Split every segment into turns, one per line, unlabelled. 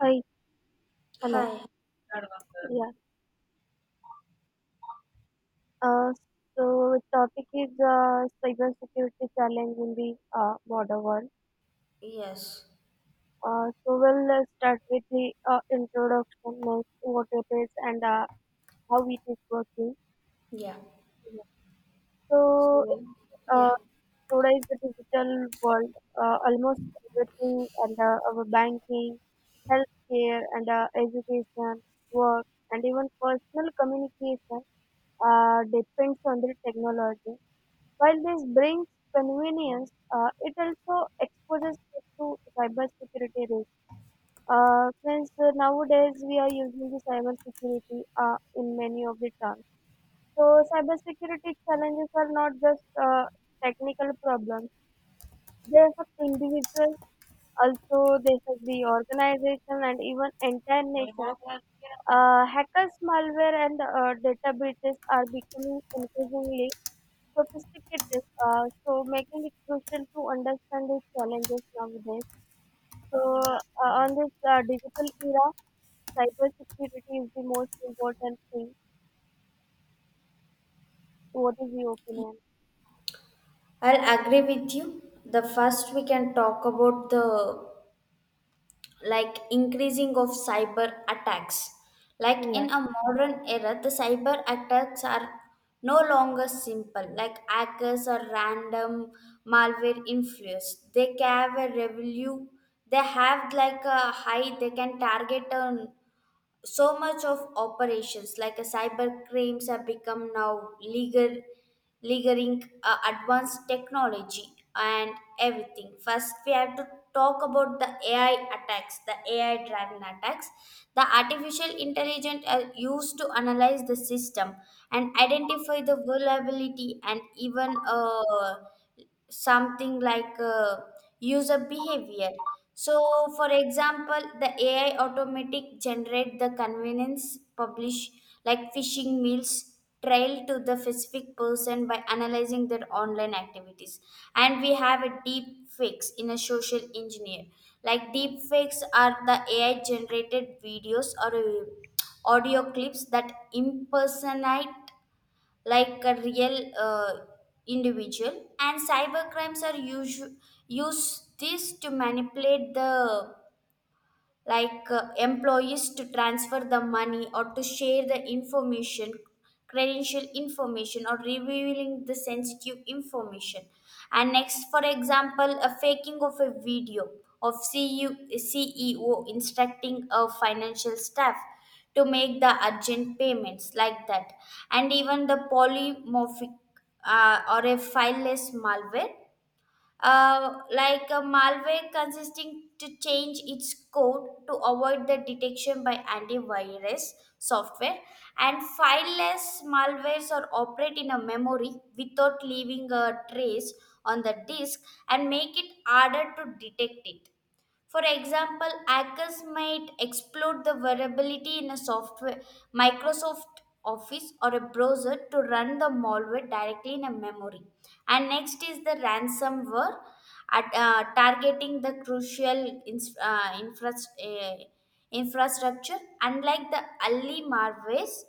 Hi, hello.
Hi,
Yeah. Uh, so topic is cybersecurity challenge in the modern world.
yes,
So we'll start with the introduction, like what it is and how it is working.
yeah.
So
So, yeah,
uh, today is the digital world. Almost everything and our banking, healthcare, and education, work, and even personal communication depends on the technology. While this brings convenience, it also exposes us to cybersecurity risks. Since nowadays we are using the cybersecurity in many of the terms. So cybersecurity challenges are not just technical problems. They affect individuals, also they affect the organization and even entire nations. Hackers, malware, and data breaches are becoming increasingly sophisticated, so making it crucial to understand these challenges nowadays. So on this digital era, cybersecurity is the most important thing. What is your opinion?
I'll agree with you. The first we can talk about the increasing of cyber attacks. Like
Yeah.
in a modern era, the cyber attacks are no longer simple. Like hackers or random malware influence. They can have a revenue. They have like a high. They can target a so much of operations, like a cyber crimes have become now legal legaling advanced technology and everything. First we have to talk about the ai driven attacks. The artificial intelligence are used to analyze the system and identify the vulnerability, and even something like user behavior. So for example, the ai automatic generate the convenience publish, like phishing meals trail to the specific person by analyzing their online activities. And we have a deep fakes in a social engineer. Like deep fakes are the ai generated videos or audio clips that impersonate like a real individual, and cyber crimes are use this to manipulate the employees to transfer the money or to share the information, credential information, or revealing the sensitive information. And next, for example, a faking of a video of CU ceo instructing a financial staff to make the urgent payments, like that. And even the polymorphic or a fileless malware, like a malware consisting to change its code to avoid the detection by antivirus software. And fileless malwares or operate in a memory without leaving a trace on the disk, and make it harder to detect it. For example, hackers might exploit the vulnerability in a software, Microsoft Office, or a browser to run the malware directly in a memory. And next is the ransomware, at, targeting the crucial infrastructure, unlike the early malwares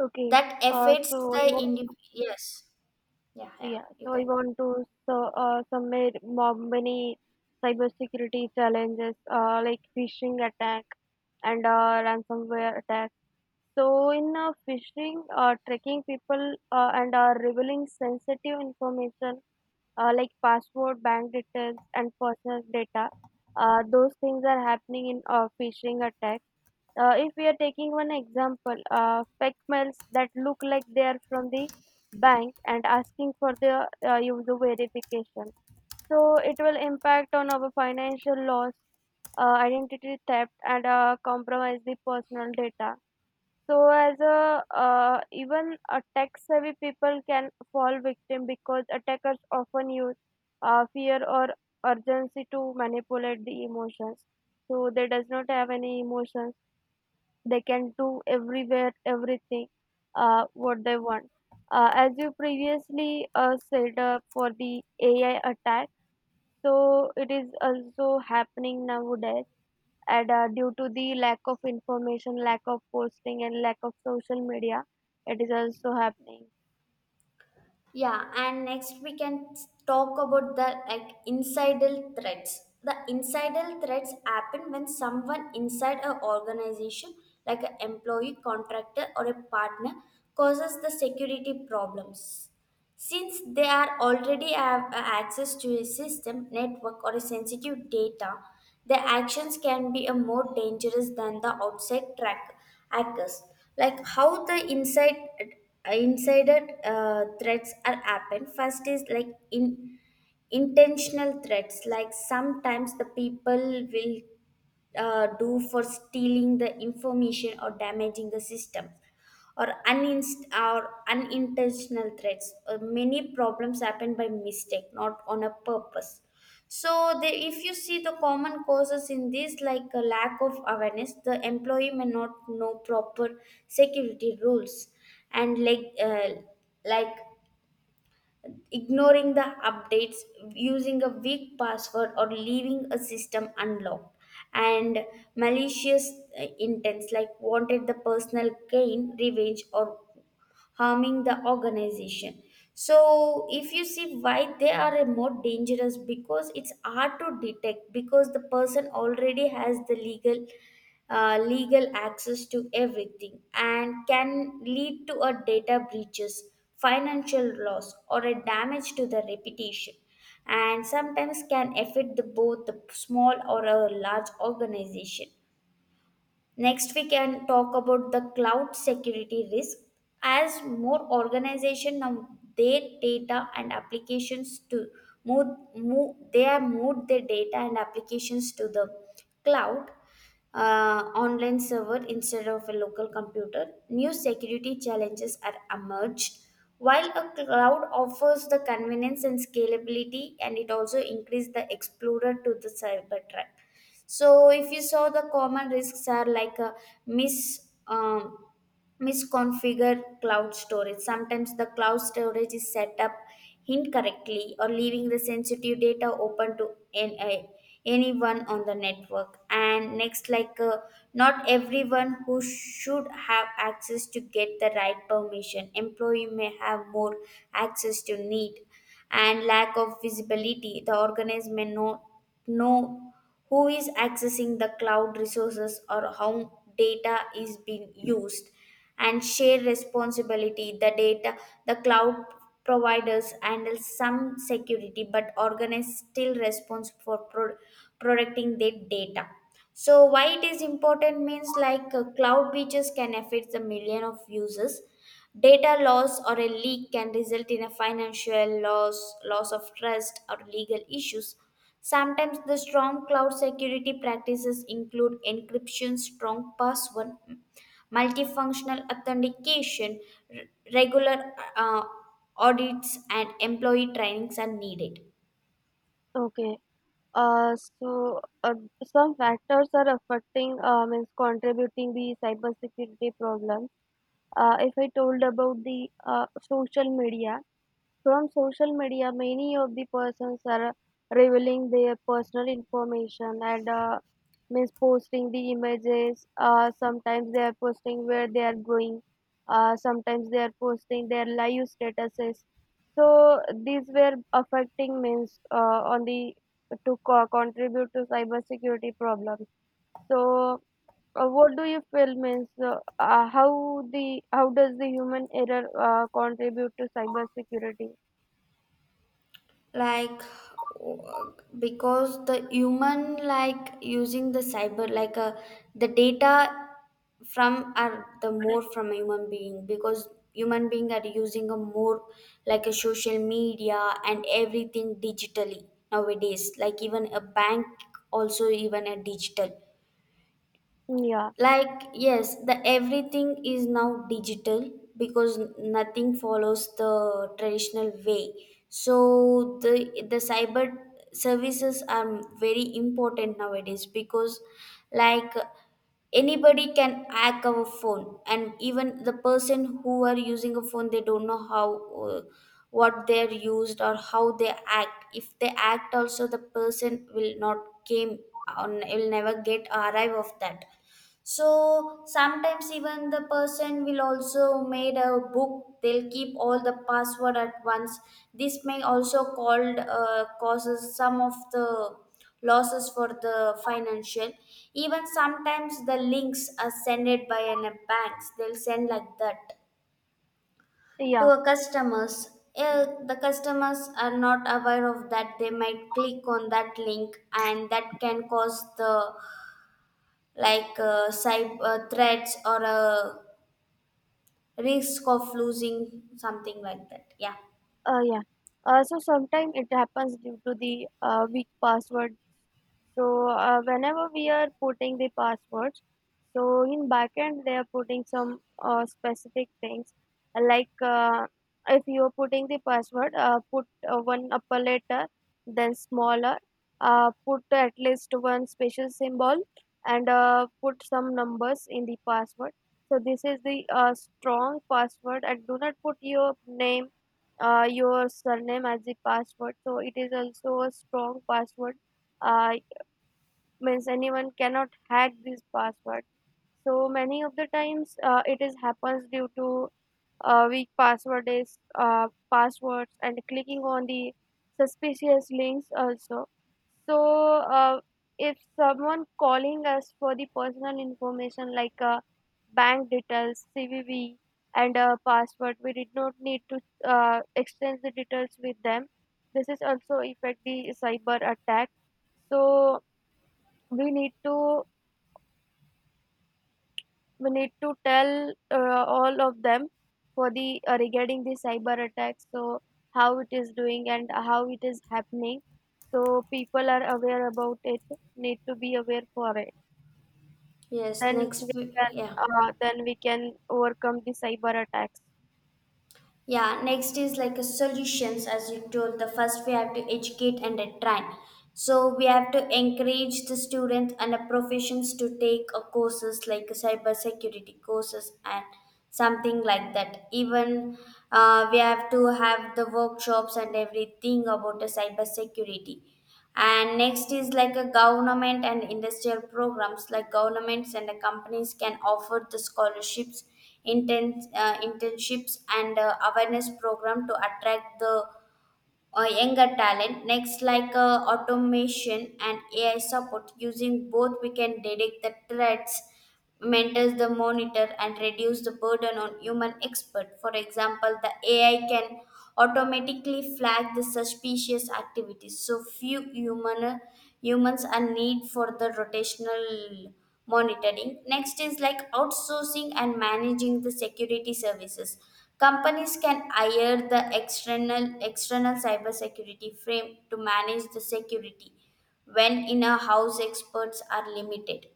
Okay.
that
Uh,
affects
so I
the
wa-
individual. Yes, yeah, yeah,
yeah.
you
So I
can.
want to, so summate many cybersecurity challenges like phishing attack and ransomware attack. So in phishing, tracking people and are revealing sensitive information like password, bank details, and personal data. Those things are happening in phishing attacks. If we are taking one example, fake mails that look like they are from the bank and asking for the user verification. So it will impact on our financial loss, identity theft, and compromise the personal data. So as a even a tech-savvy people can fall victim because attackers often use fear or urgency to manipulate the emotions. So they does not have any emotions. They can do everywhere everything what they want. As you previously said for the AI attack, so it is also happening nowadays and due to the lack of information, lack of posting, and lack of social media, it is also happening.
Yeah, and next we can talk about the insider threats. The insider threats happen when someone inside an organization, like an employee, contractor, or a partner, causes the security problems. Since they are already have access to a system, network, or a sensitive data, their actions can be a more dangerous than the outside track hackers. Like how the insider threats are happen. First is like in intentional threats. Like sometimes the people will do for stealing the information or damaging the system, or, or unintentional threats. Many problems happen by mistake, not on a purpose. So, the, if you see the common causes in this, like a lack of awareness, the employee may not know proper security rules, and like ignoring the updates, using a weak password, or leaving a system unlocked. And malicious intents, like wanted the personal gain, revenge, or harming the organization. So, if you see why they are a more dangerous, because it's hard to detect because the person already has the legal access to everything and can lead to a data breaches, financial loss, or a damage to the reputation, and sometimes can affect the, both the small or a large organization. Next, we can talk about the cloud security risk. As more organization now their data and applications to move, move, they have moved their data and applications to the cloud, online server instead of a local computer. New security challenges are emerged. While a cloud offers the convenience and scalability, and it also increased the explorer to the cyber threat. So if you saw the common risks are like a mis um, misconfigure cloud storage. Sometimes the cloud storage is set up incorrectly, or leaving the sensitive data open to anyone on the network. And next, not everyone who should have access to get the right permission. Employee may have more access to need, and lack of visibility. The organized may not know who is accessing the cloud resources or how data is being used, and share responsibility the data, the cloud providers handle some security, but organize still responsible for protecting their data. So why it is important means, cloud breaches can affect the million of users. Data loss or a leak can result in a financial loss, loss of trust, or legal issues. Sometimes the strong cloud security practices include encryption, strong password, multifunctional authentication, r- regular audits, and employee trainings are needed.
Okay. So some factors are affecting, means contributing the cybersecurity problems. If I told about the social media, from social media, many of the persons are revealing their personal information and means posting the images. Sometimes they are posting where they are going. Sometimes they are posting their live statuses. So these were affecting, means on the, to contribute to cybersecurity problems. So, what do you feel, means how does the human error contribute to cybersecurity?
Like, w- because the human like using the cyber the data from are the more from a human being, because human being are using a more like a social media and everything digitally nowadays, like even a bank also, even a digital,
嗯呀，
like, yes, the everything is now digital because nothing follows the traditional way. So the cyber services are very important nowadays because, like, anybody can hack our phone, and even the person who are using a phone they don't know how, what they're used or how they act. If they act also, the person will not came on, will never get arrive of that. So sometimes even the person will also made a book, they'll keep all the password at once. This may also called, causes some of the losses for the financial. Even sometimes the links are sended by an banks, they'll send like that
哎
to
呀！
a customers. Uh, the customers are not aware of that, they might click on that link, and that can cause the cyber threats or a risk of losing something like that, yeah.
Yeah. So sometimes it happens due to the weak password. So whenever we are putting the passwords, so in backend they are putting some specific things, uh, like uh, if you are putting the password, put one upper letter, then smaller. Put at least one special symbol and put some numbers in the password. So this is the strong password, and do not put your name your surname as the password. So it is also a strong password. Uh, Means anyone cannot hack this password. So many of the times it is happens due to weak password is passwords and clicking on the suspicious links also. So uh, if someone calling us for the personal information like bank details, cvv, and password, we did not need to exchange the details with them. This is also affect the cyber attack. So we need to we need to tell all of them for the regarding the cyber attacks, so how it is doing and how it is happening, so people are aware about it, need to be aware for it,
Yes,
then we can
yeah.
then we can overcome the cyber attacks.
Yeah, next is like a solutions. As you told, the first we have to educate and train. So we have to encourage the students and the professions to take a courses like a cyber security courses and something like that. Even we have to have the workshops and everything about the cyber security. And next is like a government and industrial programs, like governments and the companies can offer the scholarships, internships, and awareness program to attract the or younger talent. Next, automation and AI support. Using both, we can detect the threats, mentors the monitor, and reduce the burden on human expert. For example, the AI can automatically flag the suspicious activities, so few humans are need for the rotational monitoring. Next is like outsourcing and managing the security services. Companies can hire the external cybersecurity frame to manage the security when in-house experts are limited.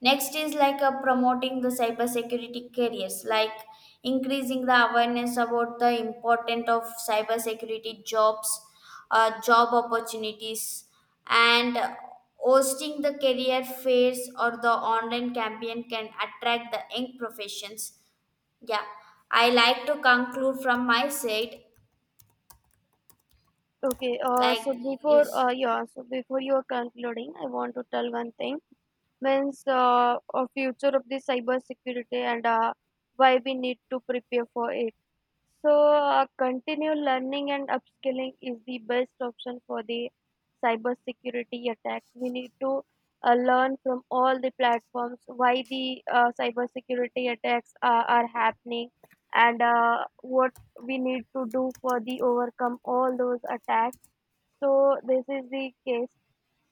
Next is promoting the cybersecurity careers, like increasing the awareness about the importance of cybersecurity jobs, job opportunities, and hosting the career fairs or the online campaign can attract the young professions. Yeah, I like to conclude from my side,
Okay. uh,
like,
so before
yes.
uh, yeah, so before you are concluding, I want to tell one thing, means a future of the cyber security and why we need to prepare for it. So, continued learning and upskilling is the best option for the cybersecurity attacks. We need to learn from all the platforms why the cybersecurity attacks are happening and what we need to do for the overcome all those attacks. So, this is the case.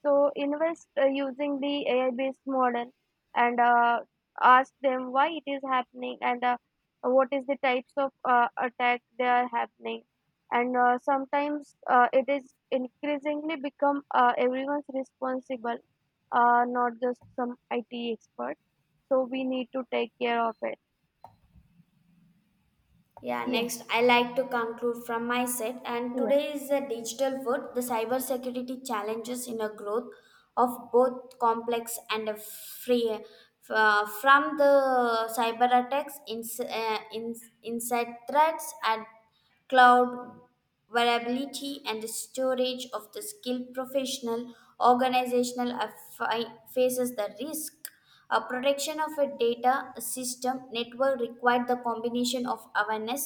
So, invest using the AI based model and ask them why it is happening and what is the types of attack they are happening and sometimes it is increasingly become everyone's responsible, not just some IT expert, so we need to take care of it.
Yeah,
Yeah.
next, I like to conclude from my set. And
Yeah.
today is the digital world, the cybersecurity challenges in a growth of both complex and a free. From the cyber attacks, inside threats, and cloud variability, and the storage of the skilled professional organizational faces the risk. A protection of a data system network required the combination of awareness,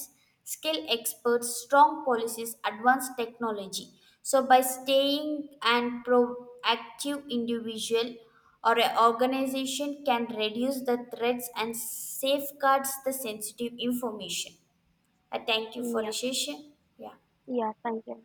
skill experts, strong policies, advanced technology. So by staying and proactive, individual or an organization can reduce the threats and safeguards the sensitive information. I thank you for the
Yeah.
session. Yeah.
Yeah, thank you.